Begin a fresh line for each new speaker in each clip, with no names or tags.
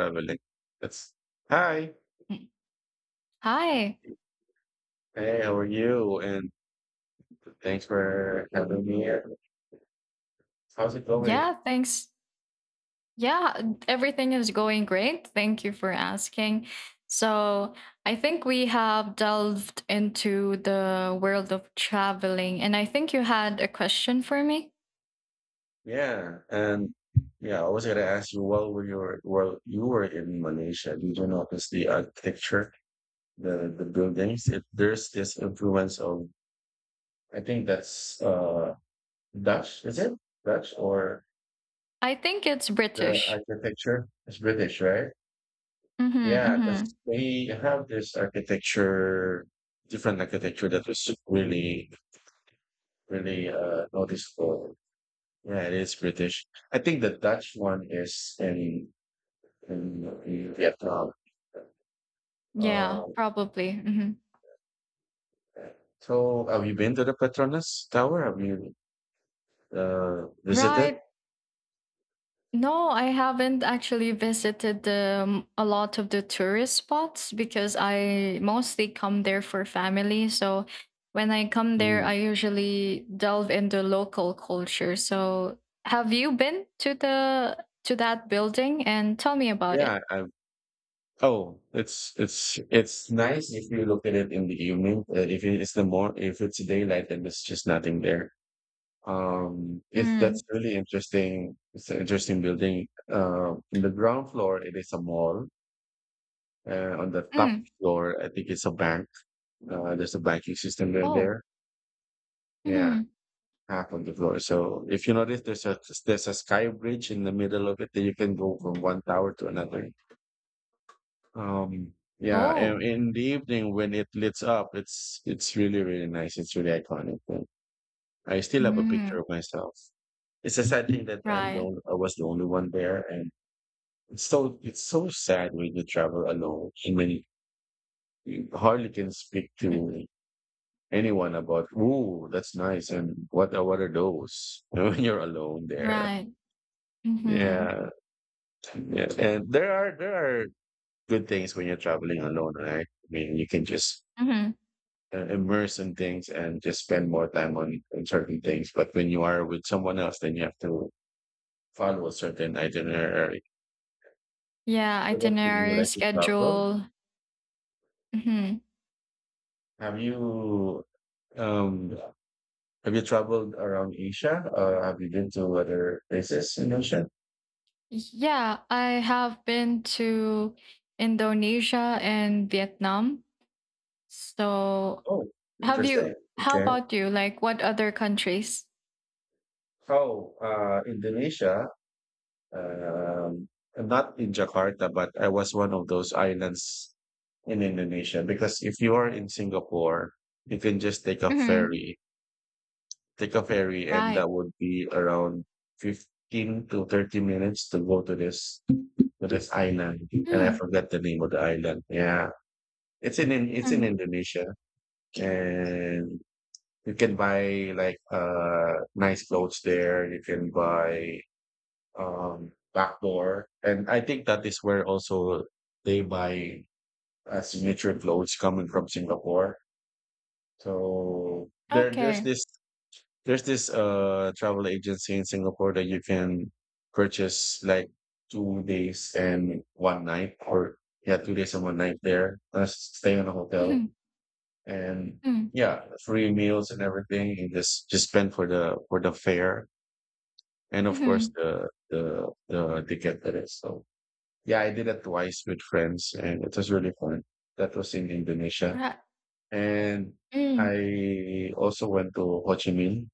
Traveling. That's hi.
Mm. Hi.
Hey, how are you? And thanks for having me here. How's it going?
Yeah, thanks. Yeah, everything is going great. Thank you for asking. So, I think we have delved into the world of traveling, and I think you had a question for me.
Yeah, and yeah, I was gonna ask you while you were in Malaysia, did you notice the architecture, the buildings? There's this influence of, I think that's Dutch, is it? Dutch, or
I think it's
the
British.
architecture is British, right?
Mm-hmm,
Yeah, because
mm-hmm.
they have this architecture, different architecture that was really really noticeable. Yeah, it is British. I think the Dutch one is in in Vietnam.
Yeah,
Uh,
probably. Mm-hmm.
so, have you been to the Petronas Tower? Have you visited?
Right. No, I haven't actually visited a lot of the tourist spots because I mostly come there for family. So when I come there,
Mm,
I usually delve into local culture. So have you been to the to that building and tell me about it?
yeah, I. Oh, it's nice if you look at it in the evening. If it's daylight, then there's just nothing there. If
Mm.
that's really interesting. It's an interesting building. In the ground floor, it is a mall, on the top
Mm.
floor. I think it's a bank. There's a banking system there.
Oh.
There, yeah,
Hmm.
half on the floor. So if you notice, there's a sky bridge in the middle of it, that you can go from one tower to another. Um, yeah, and
Oh.
in the evening when it lights up, it's really really nice. It's really iconic. And I still have a picture
Mm.
of myself. It's a sad thing that I'm
Right.
I was the only one there, and it's so sad when you travel alone, and when you hardly can speak
Mm.
to anyone about, "Ooh, that's nice. And what are those?" When you're alone there.
Right. Mm-hmm.
Yeah. Yeah. And there are good things when you're traveling alone, right? I mean, you can just
Mm-hmm.
immerse in things, and just spend more time on certain things. But when you are with someone else, then you have to follow a certain itinerary.
Yeah,
What about you? Do you
itinerary
like to travel?
schedule. hmm
Have you, um, have you traveled around Asia? Have you been to other places in Asia?
Yeah, I have been to Indonesia and Vietnam. So,
Oh,
have you,
interesting.
how
Okay.
about you? Like, what other countries?
Oh, Indonesia. Um, Not in Jakarta, but I was one of those islands in Indonesia. Because if you are in Singapore, you can just take a
Hmm.
ferry, and
Right.
that would be around 15 to 30 minutes to go to this island. And I
Mm.
forgot the name of the island. Yeah, it's
Mm-hmm.
in Indonesia, and you can buy like nice clothes there. You can buy, backdoor. And I think that is where also they buy signature clothes coming from Singapore. So there, there's
Okay.
this, there's this uh travel agency in Singapore, that you can purchase like 2 days and one night, or yeah, 2 days and one night there. Stay in a hotel,
Mm-hmm.
and
Mm.
yeah, free meals and everything, and just spend for the fare, and of course
Mm-hmm.
the ticket, that is so. Yeah, I did it twice with friends, and it was really fun. That was in Indonesia.
Right.
And
Mm.
I also went to Ho Chi Minh,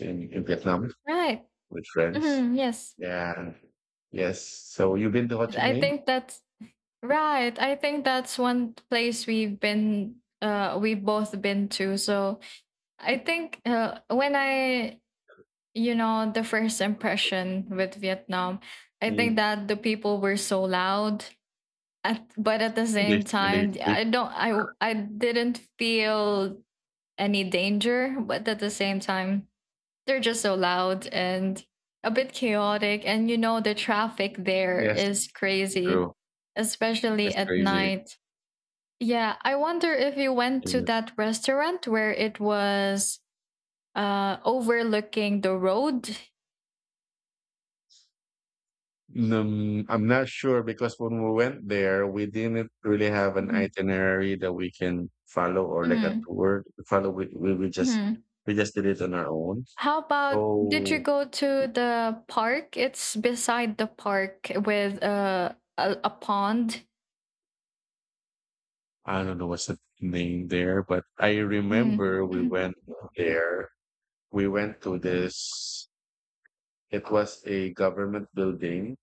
in Vietnam
Right.
with friends.
Hmm. Yes.
Yeah. Yes. So you've been to Ho Chi
I
Minh?
think that's right. I think that's one place we've been, we've both been to. So, I think when I the first impression with Vietnam. I think
Mm,
that the people were so loud, but at the
they,
same
when they
time,
speak.
I don't, I didn't feel any danger, but at the same time, they're just so loud and a bit chaotic. And you know, the traffic there
Yes.
is crazy,
True.
especially
That's
at
crazy.
night. Yeah, I wonder if you went to that restaurant where it was overlooking the road.
I'm not sure, because when we went there, we didn't really have an
Mhm.
itinerary that we can follow, or like a
Mm,
tour to follow.
hmm.
We just did it on our own.
How about did you
So
go to the park? It's beside the park with a pond.
I don't know what's the name there, but I
Mm.
remember we
Mm-hmm.
went there. We went to this. It was a government building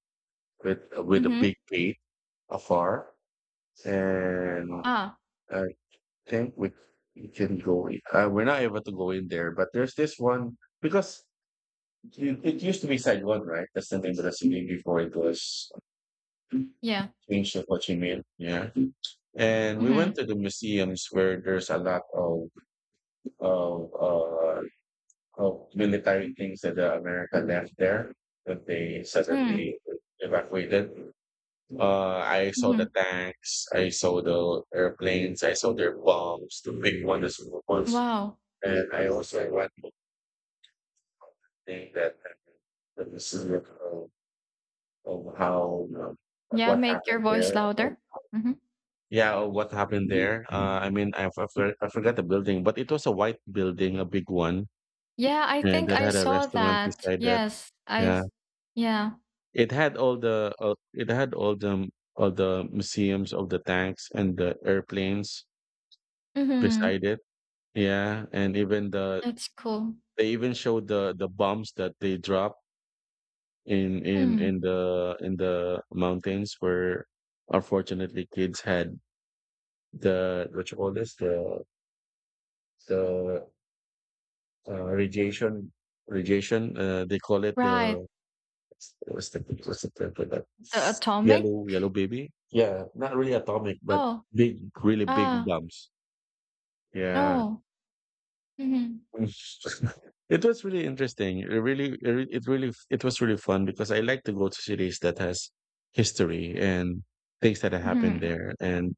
with a
Mm-hmm.
big gate afar, and
Ah,
uh, think we can go. We're not able to go in there, but there's this one, because it used to be Saigon, right? That's the name of the city before it was
yeah.
changed to Ho Chi Minh. Yeah, and we
Mm-hmm.
went to the museums, where there's a lot of of uh, of military things that the America left there, that they
Mm.
suddenly evacuated. I saw
Mm-hmm.
the tanks, I saw the airplanes, I saw their bombs, the big ones, the small ones,
Wow.
and I also went, think that this is like, of, how, like
Yeah,
what
make your
happened
voice
there. Or,
louder. Hmm.
yeah, or what happened there. I forgot the building, but it was a white building, a big one,
Yeah, I
and
think
that
I
had a
saw
restaurant
that.
beside that.
Yes, I.
Yeah,
s- Yeah.
it had all the museums of the tanks and the airplanes
Mm-hmm.
beside it. Yeah, and even the,
That's cool.
they even showed the bombs that they dropped
Mm.
in the mountains, where unfortunately kids had the what you call this, the radiation, they call it
Right.
the, what's the what's the term for that,
The atomic.
yellow yellow baby. Yeah, not really atomic, but
Oh.
big, really big
Ah.
bombs. Yeah.
No. Mm-hmm.
Mm. It was really interesting. It really, it was really fun, because I like to go to cities that has history and things that have happened
Mm-hmm.
there. And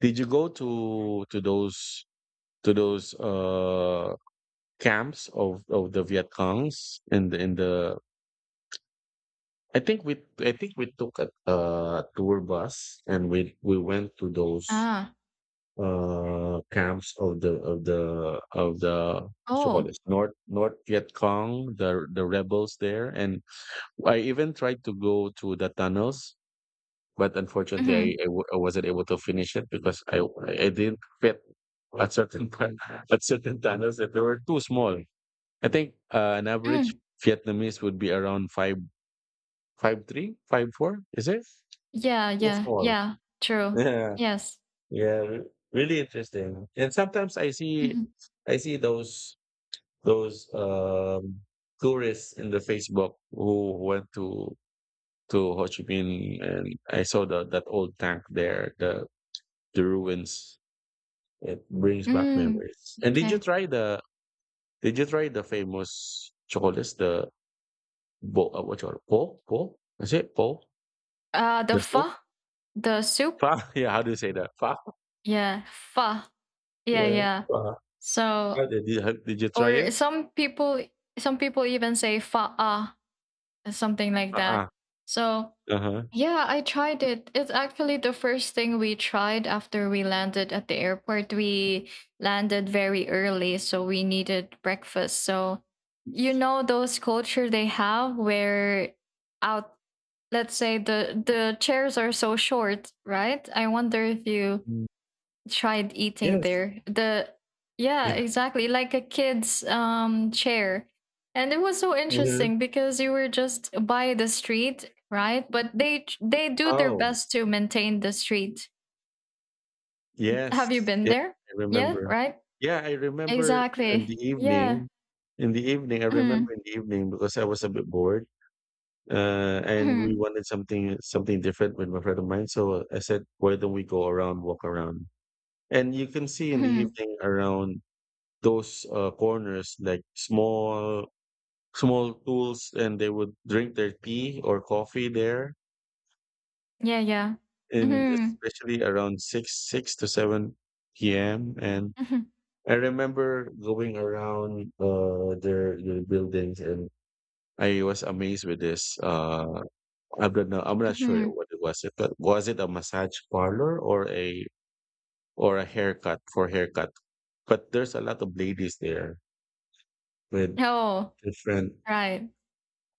did you go to those camps of the Viet Congs in the? I think we took a tour bus, and we went to those,
Ah.
camps of the so called
Oh.
this North Viet Cong, the rebels there, and I even tried to go to the tunnels. But unfortunately,
Mm-hmm.
I wasn't able to finish it, because I didn't fit at certain at certain tunnels, that they were too small. I think an average
Mm.
Vietnamese would be around five five three five four. Is it
Yeah,
too
yeah,
small?
yeah. True.
Yeah.
Yes.
Yeah, re- Really interesting. And sometimes
Mhm.
I see those tourists in the Facebook who went to Ho Chi Minh, and I saw the, that old tank there, the ruins. It brings back
Mm.
memories. And
Okay.
did you try the famous chocolates, the bo what you call it? Po? Po? Is it po?
The
The soup?
pho, the soup.
Fa? Yeah, how do you say that? Fa?
Yeah, pho. Yeah,
Yeah.
yeah.
Fa.
So,
How did you, did you try
or
it?
some people even say faa, something like that.
Uh-uh.
So,
Uh-huh.
yeah, I tried it. It's actually the first thing we tried after we landed at the airport. We landed very early, so we needed breakfast. So, you know those culture they have where out let's say the chairs are so short, right? I wonder if you tried eating
Yes.
there. The yeah, exactly, like a kid's chair. And it was so
Mhm.
interesting because you were just by the street, right? But they do their
Oh,
best to maintain the street. Have you
yes.
been
Yeah,
there?
I
Yeah,
remember.
right?
Yeah, I remember in the
Exactly. Yeah.
evening in the evening, I
Mhm.
remember in the evening because I was a bit bored, and we
Mhm.
wanted something different with my friend of mine, so I said, "Why don't we go around, walk around?" And you can see in the
Mhm.
evening around those, corners, like small tools, and they would drink their tea or coffee there.
Yeah, yeah.
In,
Mhm.
especially around 6 6 to 7 p.m. And
Mhm.
I remember going around their buildings, and I was amazed with this I don't know, I'm not sure
Mhm.
what it was, it but was it a massage parlor, or a haircut, for haircut, but there's a lot of ladies there with
Oh,
different,
right.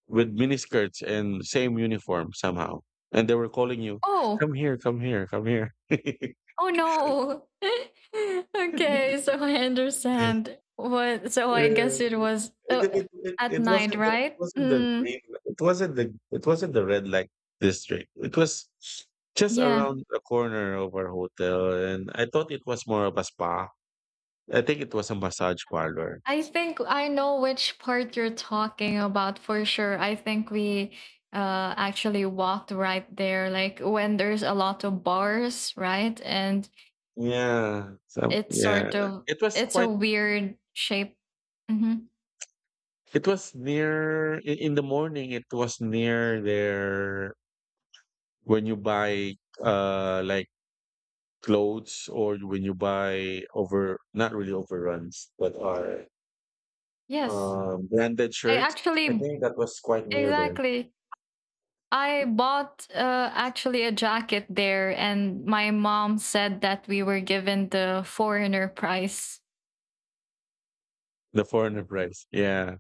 with miniskirts and same uniform somehow, and they were calling you,
Oh.
"Come here, come here, come here."
Oh no. okay, so I understand. What so I guess
Yeah.
it was
It, it, it, it
at
it
night,
wasn't the, it
right?
wasn't the
Mm,
green, it wasn't the red light district. It was just
yeah.
around the corner of our hotel, and I thought it was more of a spa. I think it was a massage parlor.
I think I know which part you're talking about for sure. I think we actually walked right there like when there's a lot of bars, right? And
Yeah. So
it's
yeah.
sort of,
It was
it's a
quite
weird shape. Mhm.
it was near, in the morning it was near there, when you buy like clothes, or when you buy over, not really overruns, but are,
Yes.
branded
I
shirt. I
actually,
think that was quite near there.
exactly, I bought actually a jacket there, and my mom said that we were given the foreigner price.
The foreigner price. Yeah,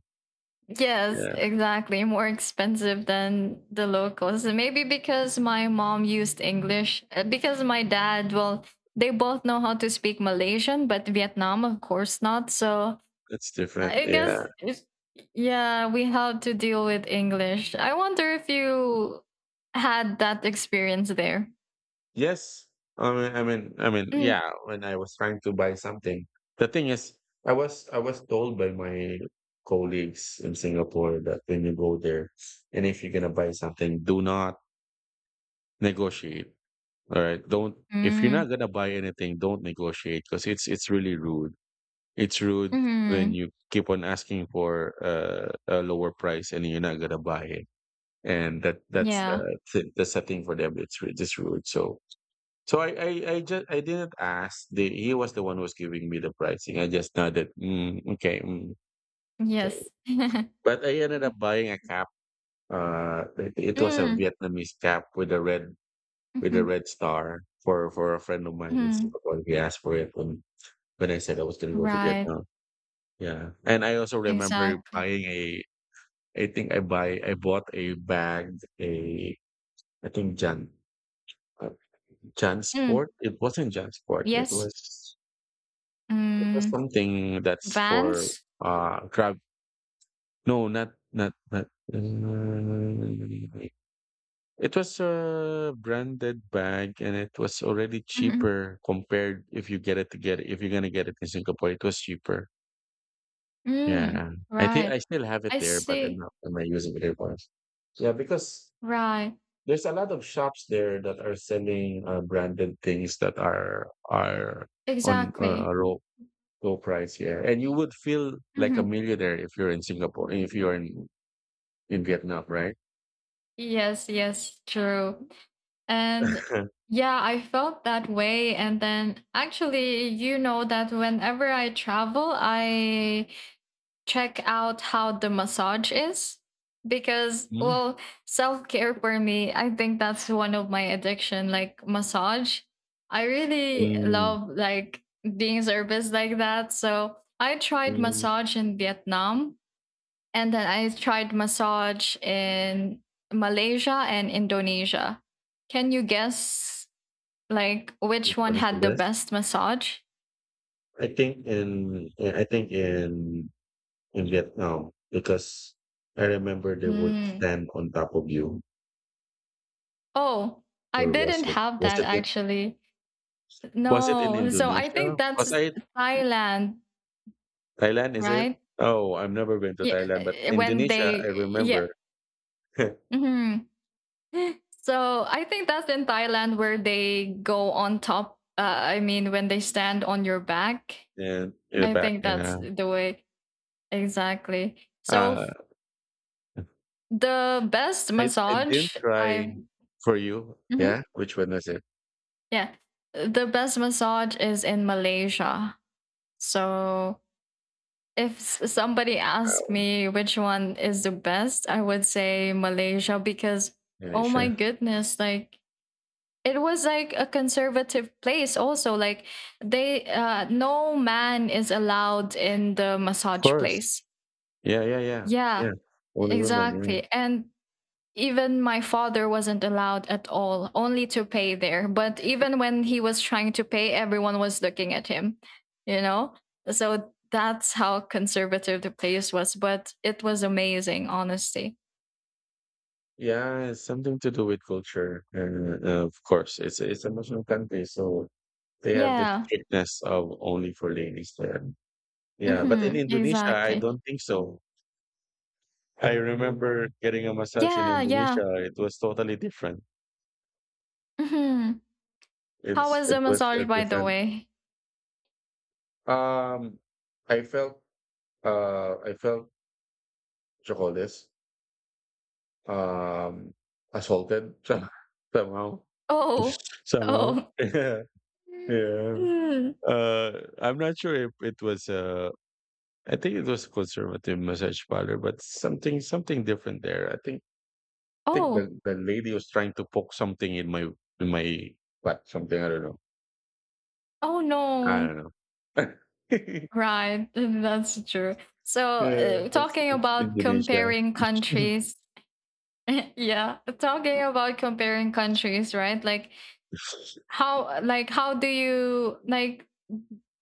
Yes,
yeah,
exactly. More expensive than the locals. Maybe because my mom used English, because my dad, well, they both know how to speak Malaysian, but Vietnam, of course, not. So
that's different.
I
Yeah.
guess, yeah, we had to deal with English. I wonder if you had that experience there.
Yes. I mean,
Mm.
yeah. When I was trying to buy something, the thing is, I was told by my colleagues in Singapore that when you go there, and if you're gonna buy something, do not negotiate. All right, don't. If you're
Mm.
not gonna buy anything, don't negotiate, because it's really rude. It's rude when
Mhm.
you keep on asking for a lower price, and you're not gonna buy it, and that's
Yeah.
that's a thing for them. Just rude. So, so I I, I didn't ask. The, he was the one who was giving me the pricing. I just nodded. Mm, okay, mm, okay.
Yes.
But I ended up buying a cap. It was a
Mm.
Vietnamese cap with a red,
Mhm.
star for a friend of mine in
Mhm.
Singapore. He asked for it when I said I was gonna go to
Right.
Vietnam. Yeah, and I also remember
Exactly.
buying a, I bought a bag, a, I think Jan, uh,
Mm.
JanSport. It wasn't JanSport.
Yes.
It was
Mm.
something that's for
Vans?
grab. No, not not not. uh, It was a branded bag, and it was already
Mhm.
cheaper compared if you get it to get if you're gonna get it in Singapore. It was cheaper.
Mm.
Yeah. I think
Right.
I still have it
I
there, but I'm
see.
not am I using it anymore. Yeah, because
Right.
there's a lot of shops there that are selling branded things that are on a
Exactly.
low price. Yeah, and you would feel like a
Mhm.
millionaire if you're in Singapore, if you're in Vietnam, right?
Yes, yes, true. And yeah, I felt that way. And then actually, you know that whenever I travel, I check out how the massage is because,
Mm.
well, self-care for me, I think that's one of my addiction. Like, massage, I really
Mm,
love, like, being serviced like that. So I tried
mm.
massage in Vietnam, and then I tried massage in Malaysia and Indonesia. Can you guess like which
Which
one
one is the
had the
best?
best massage?
I think in eh, I think in Vietnam because I remember they would
Mm.
stand on top of you.
Oh, I
Or
didn't have that actually.
was it in
No, so
Indonesia?
I
Indonesia?
think
'Cause
that's
I
Thailand,
Thailand, is it?
right?
Oh, I've never been to
Yeah,
Thailand, but
when
Indonesia, I
they, yeah.
remember.
Mhm. So I think that's in Thailand where they go on top. I mean, when they stand on your back,
And yeah,
I
back
think
in,
that's the way, exactly.
uh,
The best
I didn't
massage
try
I,
for you.
mhm,
Yeah? Which one was it?
yeah, the best massage is in Malaysia. So if somebody asked
Um,
me which one is the best, I would say Malaysia because oh my
Indonesia.
goodness, like it was like a conservative place also, like they no man is allowed in the
Of
massage
course.
place.
Yeah, yeah, yeah.
Yeah,
Yeah. Only women, yeah.
exactly. And even my father wasn't allowed at all, only to pay there. But even when he was trying to pay, everyone was looking at him, you know? So that's how conservative the place was. But it was amazing, honestly.
Yeah, it's something to do with culture. And of course, it's a Muslim country, so they have this
Yeah.
strictness of only for ladies there. Yeah, but in
Hmm,
Indonesia, I
exactly.
don't think so. I remember getting a massage in
Yeah. Yeah.
Indonesia. It was totally different.
Hmm. How
It's
was
it
the
was a
massage, by the
different.
way?
Um, I felt I felt chocolate um assaulted somehow
Oh.
somehow.
Oh.
Yeah, yeah.
Mm.
Uh, I'm not sure if it was I think it was a conservative massage parlor, but something different there. I think the
Oh.
the lady was trying to poke something in my in my butt, something, I don't know.
Oh,
I
no.
don't know.
Right, that's true. So,
Yeah, that's
talking
that's
about
Indonesia.
comparing countries, yeah, talking about comparing countries, right? Like how, like how do you like,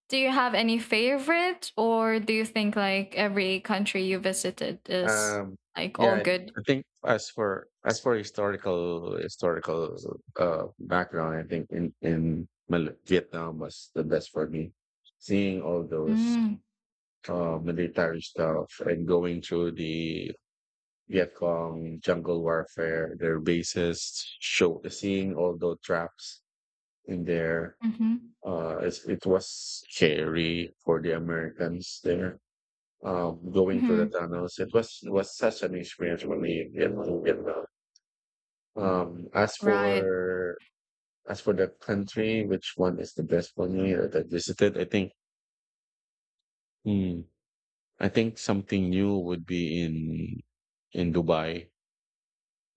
do you have any favorite or do you think like every country you visited is
Um,
like all
yeah, I
good?
I think as for historical background, I think in Vietnam was the best for me. Seeing all those,
Mm,
military stuff and going through the Vietcong, jungle warfare. Their bases showed the seeing, although traps in there.
mm-hmm,
It was scary for the Americans there. Going through the
mm-hmm,
tunnels, it was such an experience for really in Vietnam. Um, as
right.
for as for the country, which one is the best for you that I visited? Hmm, I think something new would be in Dubai.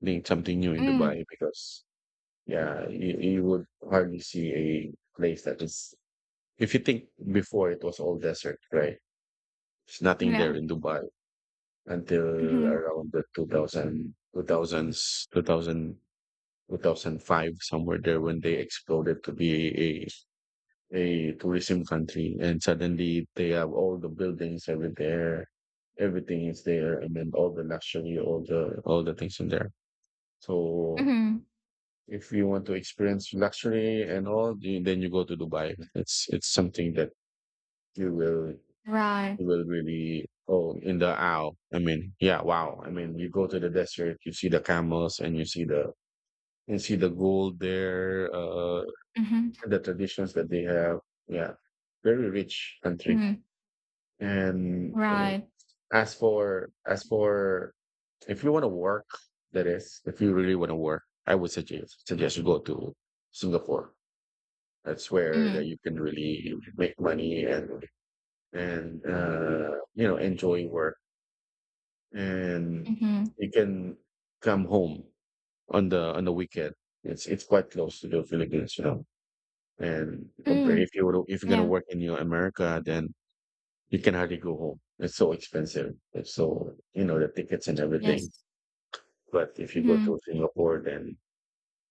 I think something new in
Mm,
Dubai because yeah, you would hardly see a place that is, if you think before it was all desert, right? There's nothing there
yeah.
in Dubai until
Mm-hmm,
around the 2000, two thousands, 2000, 2005, somewhere there when they exploded to be a tourism country. And suddenly they have all the buildings every there. Everything is there. I mean, all the luxury, all the things in there. So
mm-hmm,
if you want to experience luxury and all, then you go to Dubai. It's something that you will
right.
you will really oh in the owl. I mean, yeah, wow. I mean, you go to the desert, you see the camels, and you see the gold there,
Mm-hmm,
the traditions that they have. Yeah, very rich country.
mm,
And
right.
as for if you want to work, that is, if you really want to work, I would suggest you go to Singapore. That's where that
Mm,
you can really make money and enjoy work, and
mm-hmm,
you can come home on the weekend. It's quite close to the Philippines. And compare
mm,
if you're gonna
yeah.
work in your America, then you can hardly go home. It's so expensive. It's so the tickets and everything.
Yes.
But if you go to
Mhm,
Singapore, then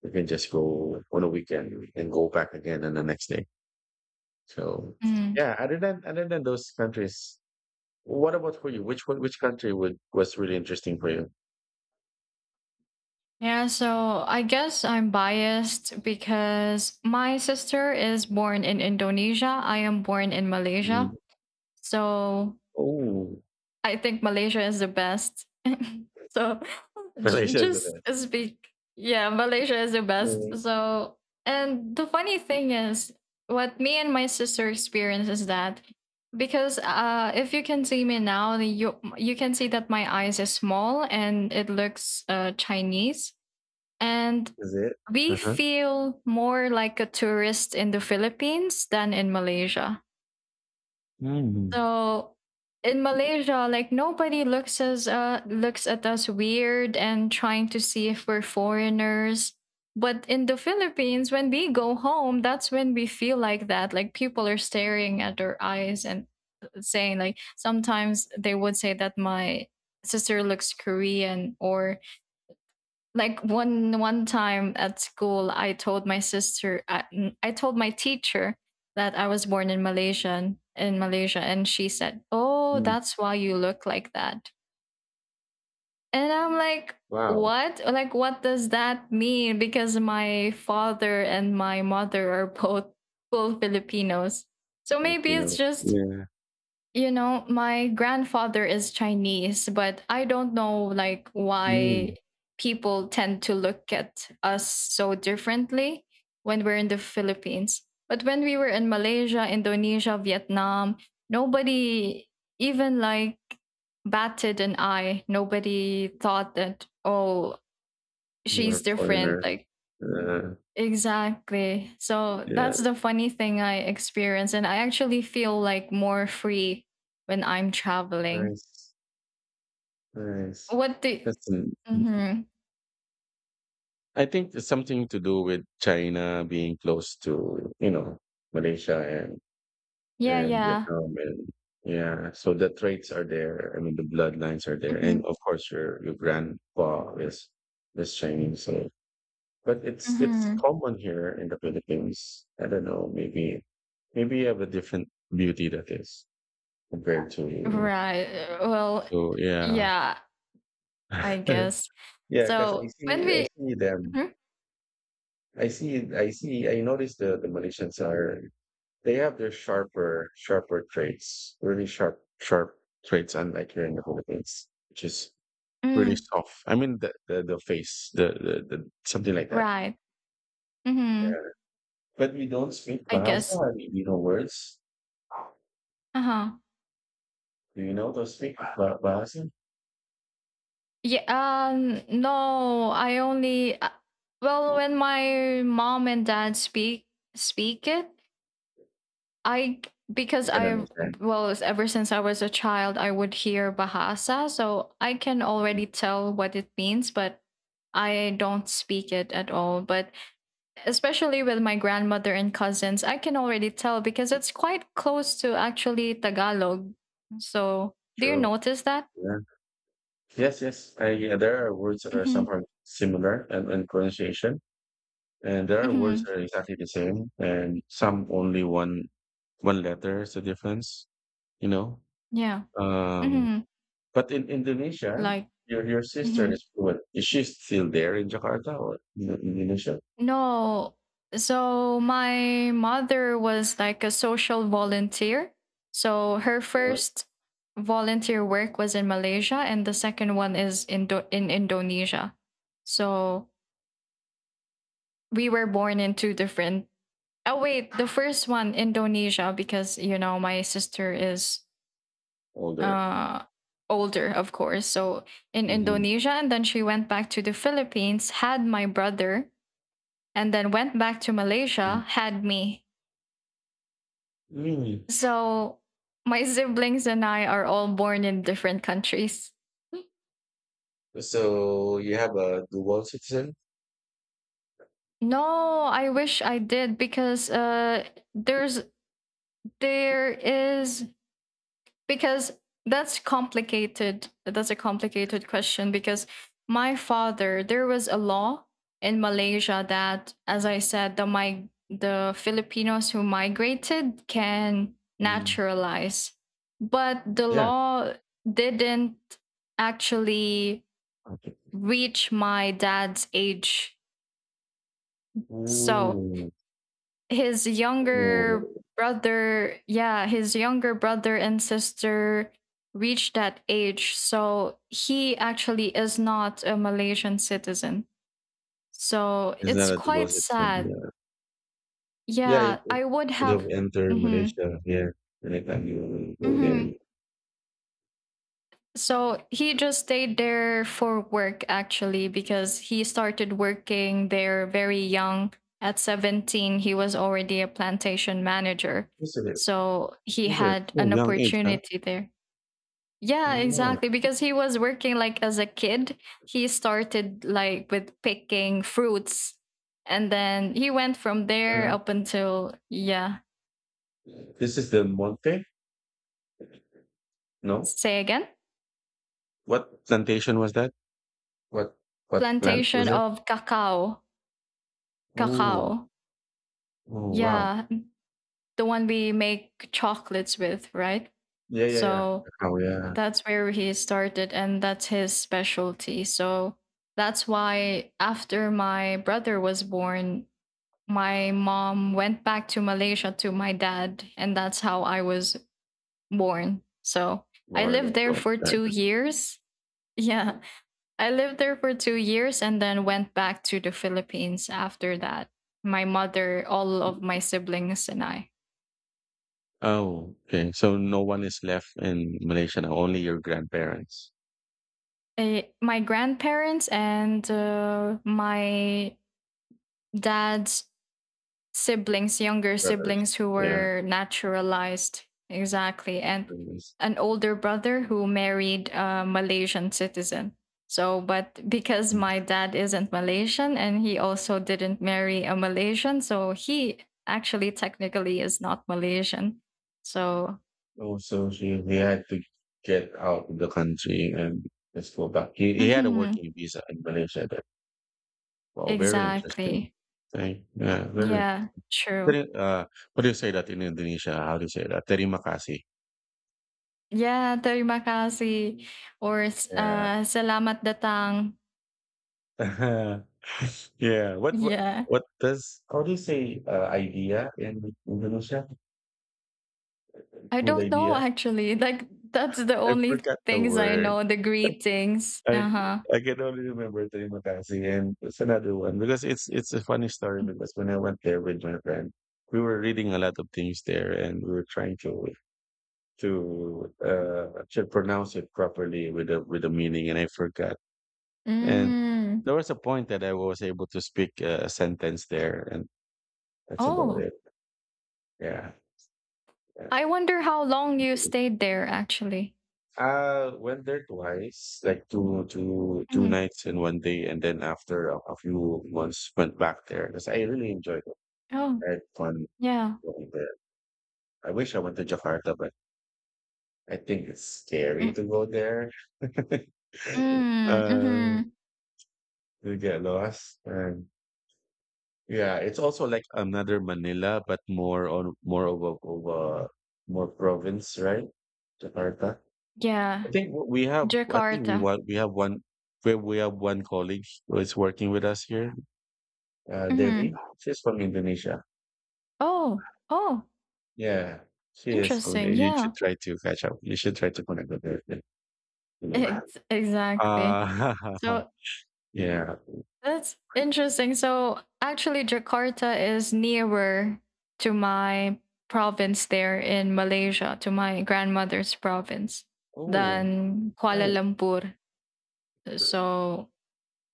you can just go on a weekend and go back again on the next day. So
mhm.
yeah, other than those countries, what about for you? Which one, which country would was really interesting for you?
Yeah, so I guess I'm biased because my sister is born in Indonesia, I am born in Malaysia.
Mm.
So
Oh,
I think Malaysia is the best. so
Malaysia is the
just
best.
speak. Yeah, Malaysia is the best.
Really?
So, and the funny thing is, what me and my sister experience is that because if you can see me now, you can see that my eyes is small and it looks Chinese, and
Is it?
we
Uh-huh.
feel more like a tourist in the Philippines than in Malaysia.
Mm.
So in Malaysia, like nobody looks as looks at us weird and trying to see if we're foreigners. But in the Philippines, when we go home, that's when we feel like that. Like people are staring at our eyes and saying like sometimes they would say that my sister looks Korean or like one time at school I told my teacher that I was born in Malaysia, and she said, oh,
Mm.
that's why you look like that, and I'm like
Wow.
what, like what does that mean, because my father and my mother are both full Filipinos. So maybe it's
Filipinos.
just,
Yeah.
my grandfather is Chinese, but I don't know like
Mm.
why people tend to look at us so differently when we're in the Philippines. But when we were in Malaysia, Indonesia, Vietnam, nobody even like batted an eye. Nobody thought that, oh,
You
she's
are
different.
foreigners.
Like.
Uh,
Exactly. So
yeah.
that's the funny thing I experience. And I actually feel like more free when I'm traveling.
Nice. Nice.
What the
That's an,
Mm-hmm.
I think it's something to do with China being close to, Malaysia and
Yeah,
and
yeah.
Vietnam and yeah, so the traits are there. I mean, the bloodlines are there,
Mm-hmm.
and of course, your grandpa is Chinese. So, but it's
Mm-hmm.
common here in the Philippines. I don't know, maybe you have a different beauty that is compared to
Right. Well,
to yeah
yeah, I guess.
yeah. Because I
So when
see I
we
see them.
Mhm.
I notice the Malaysians are. They have their sharper, sharper traits, really sharp, sharp traits, unlike here in the Philippines, which is really
Mm,
soft. I mean, the face, the something like that.
right. Mm-hmm.
Yeah. But we don't speak
I guess.
Bahasa. I mean, we know words.
Uh-huh.
Do you know to speak Bahasa?
Yeah, no, I only well when my mom and dad speak it, I
I
because
can
I
understand.
well ever since I was a child I would hear Bahasa, so I can already tell what it means, but I don't speak it at all. But especially with my grandmother and cousins, I can already tell because it's quite close to actually Tagalog. So do you
True.
notice that?
Yeah. Yes, yes. I, yeah, there are words that are
Mm-hmm.
somehow similar and pronunciation, and there are words
Mm-hmm.
that are exactly the same, and some only one letter is the difference. You know,
Yeah.
Um,
Mm-hmm.
but in Indonesia,
Like.
your sister
Mhm.
is fluent. Is she still there in Jakarta or in Indonesia
No. So my mother was like a social volunteer. So her
or
first volunteer work was in Malaysia and the second one is in in Indonesia. So we were born in two different. Oh wait, the first one Indonesia because you know my sister is
older?
uh older, of course. So in
Mhm.
Indonesia, and then she went back to the Philippines, had my brother, and then went back to
Mm.
Malaysia, had me.
Mm.
So my siblings and I are all born in different countries.
So you have a dual citizen?
No, I wish I did because there's there is because that's complicated. That's a complicated question because my father, there was a law in Malaysia that, as I said, the Filipinos who migrated can
Mm.
naturalize. But the
Yeah.
law didn't actually
Okay.
reach my dad's age. So
Ooh.
his younger
Ooh.
brother, yeah, his younger brother and sister reached that age. So he actually is not a Malaysian citizen. So
It's not
it's
a dual
quite
citizen.
sad.
Yeah, yeah it,
Yeah,
it
I would
could
have.
have entered
Mm-hmm,
Malaysia here the next time you go there.
mm-hmm. So he just stayed there for work actually because he started working there very young. At 17, he was already a plantation manager.
Isn't it?
So he
Isn't it?
had
So
an
young age, huh?
opportunity there.
I
Yeah,
know.
exactly. Because he was working like as a kid, he started like with picking fruits. And then he went from there
Uh,
up until, yeah,
this is the Monte? No?
say again,
What plantation was that? What what plant
plantation
was it?
of cacao.
Oh,
Cacao.
oh wow.
Yeah, the one we make chocolates with, right?
Yeah, yeah, yeah.
So
Oh yeah.
that's where he started, and that's his specialty. So that's why after my brother was born, my mom went back to Malaysia to my dad, and that's how I was born. So I
Florida.
lived there
So
for
that
2 years. Yeah, I lived there for 2 years and then went back to the Philippines after that. My mother, all of my siblings, and I.
Oh, okay. So no one is left in Malaysia now, only your grandparents.
My grandparents and my dad's siblings, younger
Brothers.
siblings who
Yeah.
were naturalized, exactly, and
Brothers.
an older brother who married a Malaysian citizen. So, but because
Mm.
my dad isn't Malaysian and he also didn't marry a Malaysian, so he actually technically is not Malaysian. So,
Oh, so he had to get out of the country and just go back. He, he had a
mhm,
working visa in Malaysia. Wow, very interesting
exactly.
thing. Yeah, very.
Yeah, true.
Teri- Uh, what do you say that in Indonesia? How do you say that? Terima kasih.
Yeah, terima kasih or s
Yeah.
salamat datang.
Yeah,
Yeah.
what does how do you say, idea in Indonesia?
I
Good
don't know
idea?
actually, like, that's the
I
only
forgot the
things I
word.
know, the greetings.
I
Uh-huh.
I can only remember terima kasih and it's another one because it's a funny story because when I went there with my friend, we were reading a lot of things there and we were trying to to pronounce it properly with the meaning and I forgot. And
Mm.
there was a point that I was able to speak a sentence there and that's about
Oh,
it. Yeah. Yeah.
I wonder how long you stayed there actually.
Went there twice, like two
Mm.
nights and 1 day, and then after a few months, went back there because I really enjoyed it.
Oh,
I had fun
yeah.
going there. I wish I went to Jakarta, but I think it's scary
Mm,
to go there.
mm,
uh,
mhm.
you get lost, and yeah, it's also like another Manila, but more of a more province, right? Jakarta. I
Yeah,
think w- we have. I think we
Jakarta.
want. We have one. We have one colleague who is working with us here. Devi.
Mhm.
She's from Indonesia.
Oh, oh,
Yeah, she is.
interesting.
You
Yeah.
should try to catch up. You should try to connect with her. You know.
Ex Exactly.
Uh,
So
yeah.
that's interesting. So actually, Jakarta is nearer to my province there in Malaysia, to my grandmother's province,
Oh,
than Kuala
nice.
Lumpur. So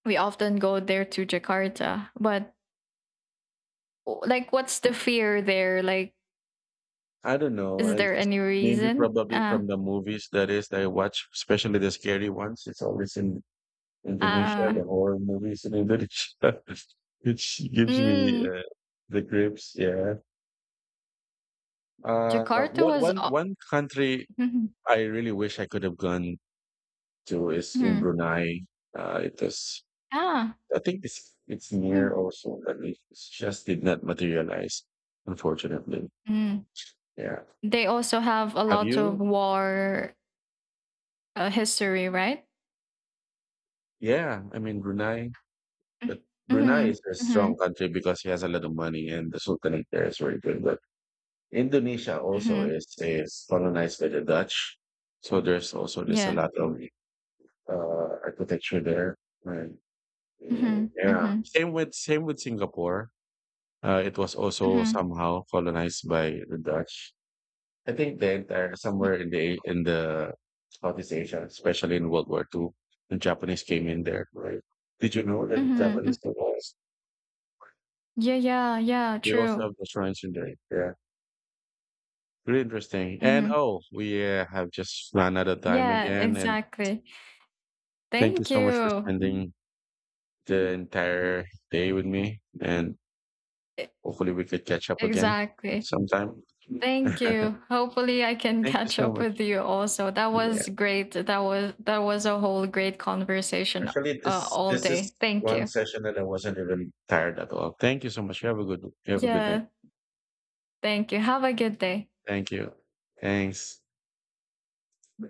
we often go there to Jakarta. But like, what's the fear there? Like,
I don't know.
is
I
there
just
any
maybe
reason?
probably from the movies that I watch, especially the scary ones. It's always in Indonesia.
Uh,
The horror movies in Indonesia, which gives me
mm,
the grips. Yeah. Uh,
Jakarta
what
was.
one one country
Mhm.
I really wish I could have gone to is in
Mhm.
Brunei. It was
Ah.
I think it's near
Mhm.
also, but it just did not materialize, unfortunately.
Mm.
Yeah.
They also have a
Have
lot of
you?
war. History, right?
Yeah, I mean Brunei,
Mm.
but Brunei
Mhm,
is a strong
mhm,
country because he has a lot of money and the Sultanate there is very good. But Indonesia also
mhm.
is colonized by the Dutch, so there's a
Yeah.
lot of uh, architecture there. Right.
Mhm,
Yeah.
mhm,
Same with Singapore. It was also
mhm,
somehow colonized by the Dutch. I think the entire
mm,
somewhere in the Southeast Asia, especially in World War II, the Japanese came in there. Right? Did you know that
mhm, mm.
Japanese temples
Yeah, yeah, yeah,
they also
true.
have the shrines in there? Yeah, really interesting. And
Mhm.
oh, we have just run out of time
Yeah,
again. And
exactly.
thank you
Thank
so much for
you.
spending the entire day with me. And
E
hopefully we could catch up again
exactly.
sometime.
Thank you. Hopefully, I can
Thank you
catch
so
up
much.
with you also. That
Yeah,
was great. That was a whole great conversation
actually, this
all
this is
day. Thank
one
you.
session that I wasn't even tired at all. Thank you so much. You have a good night.
Yeah, thank you. Have a good day.
Thank you. Thanks.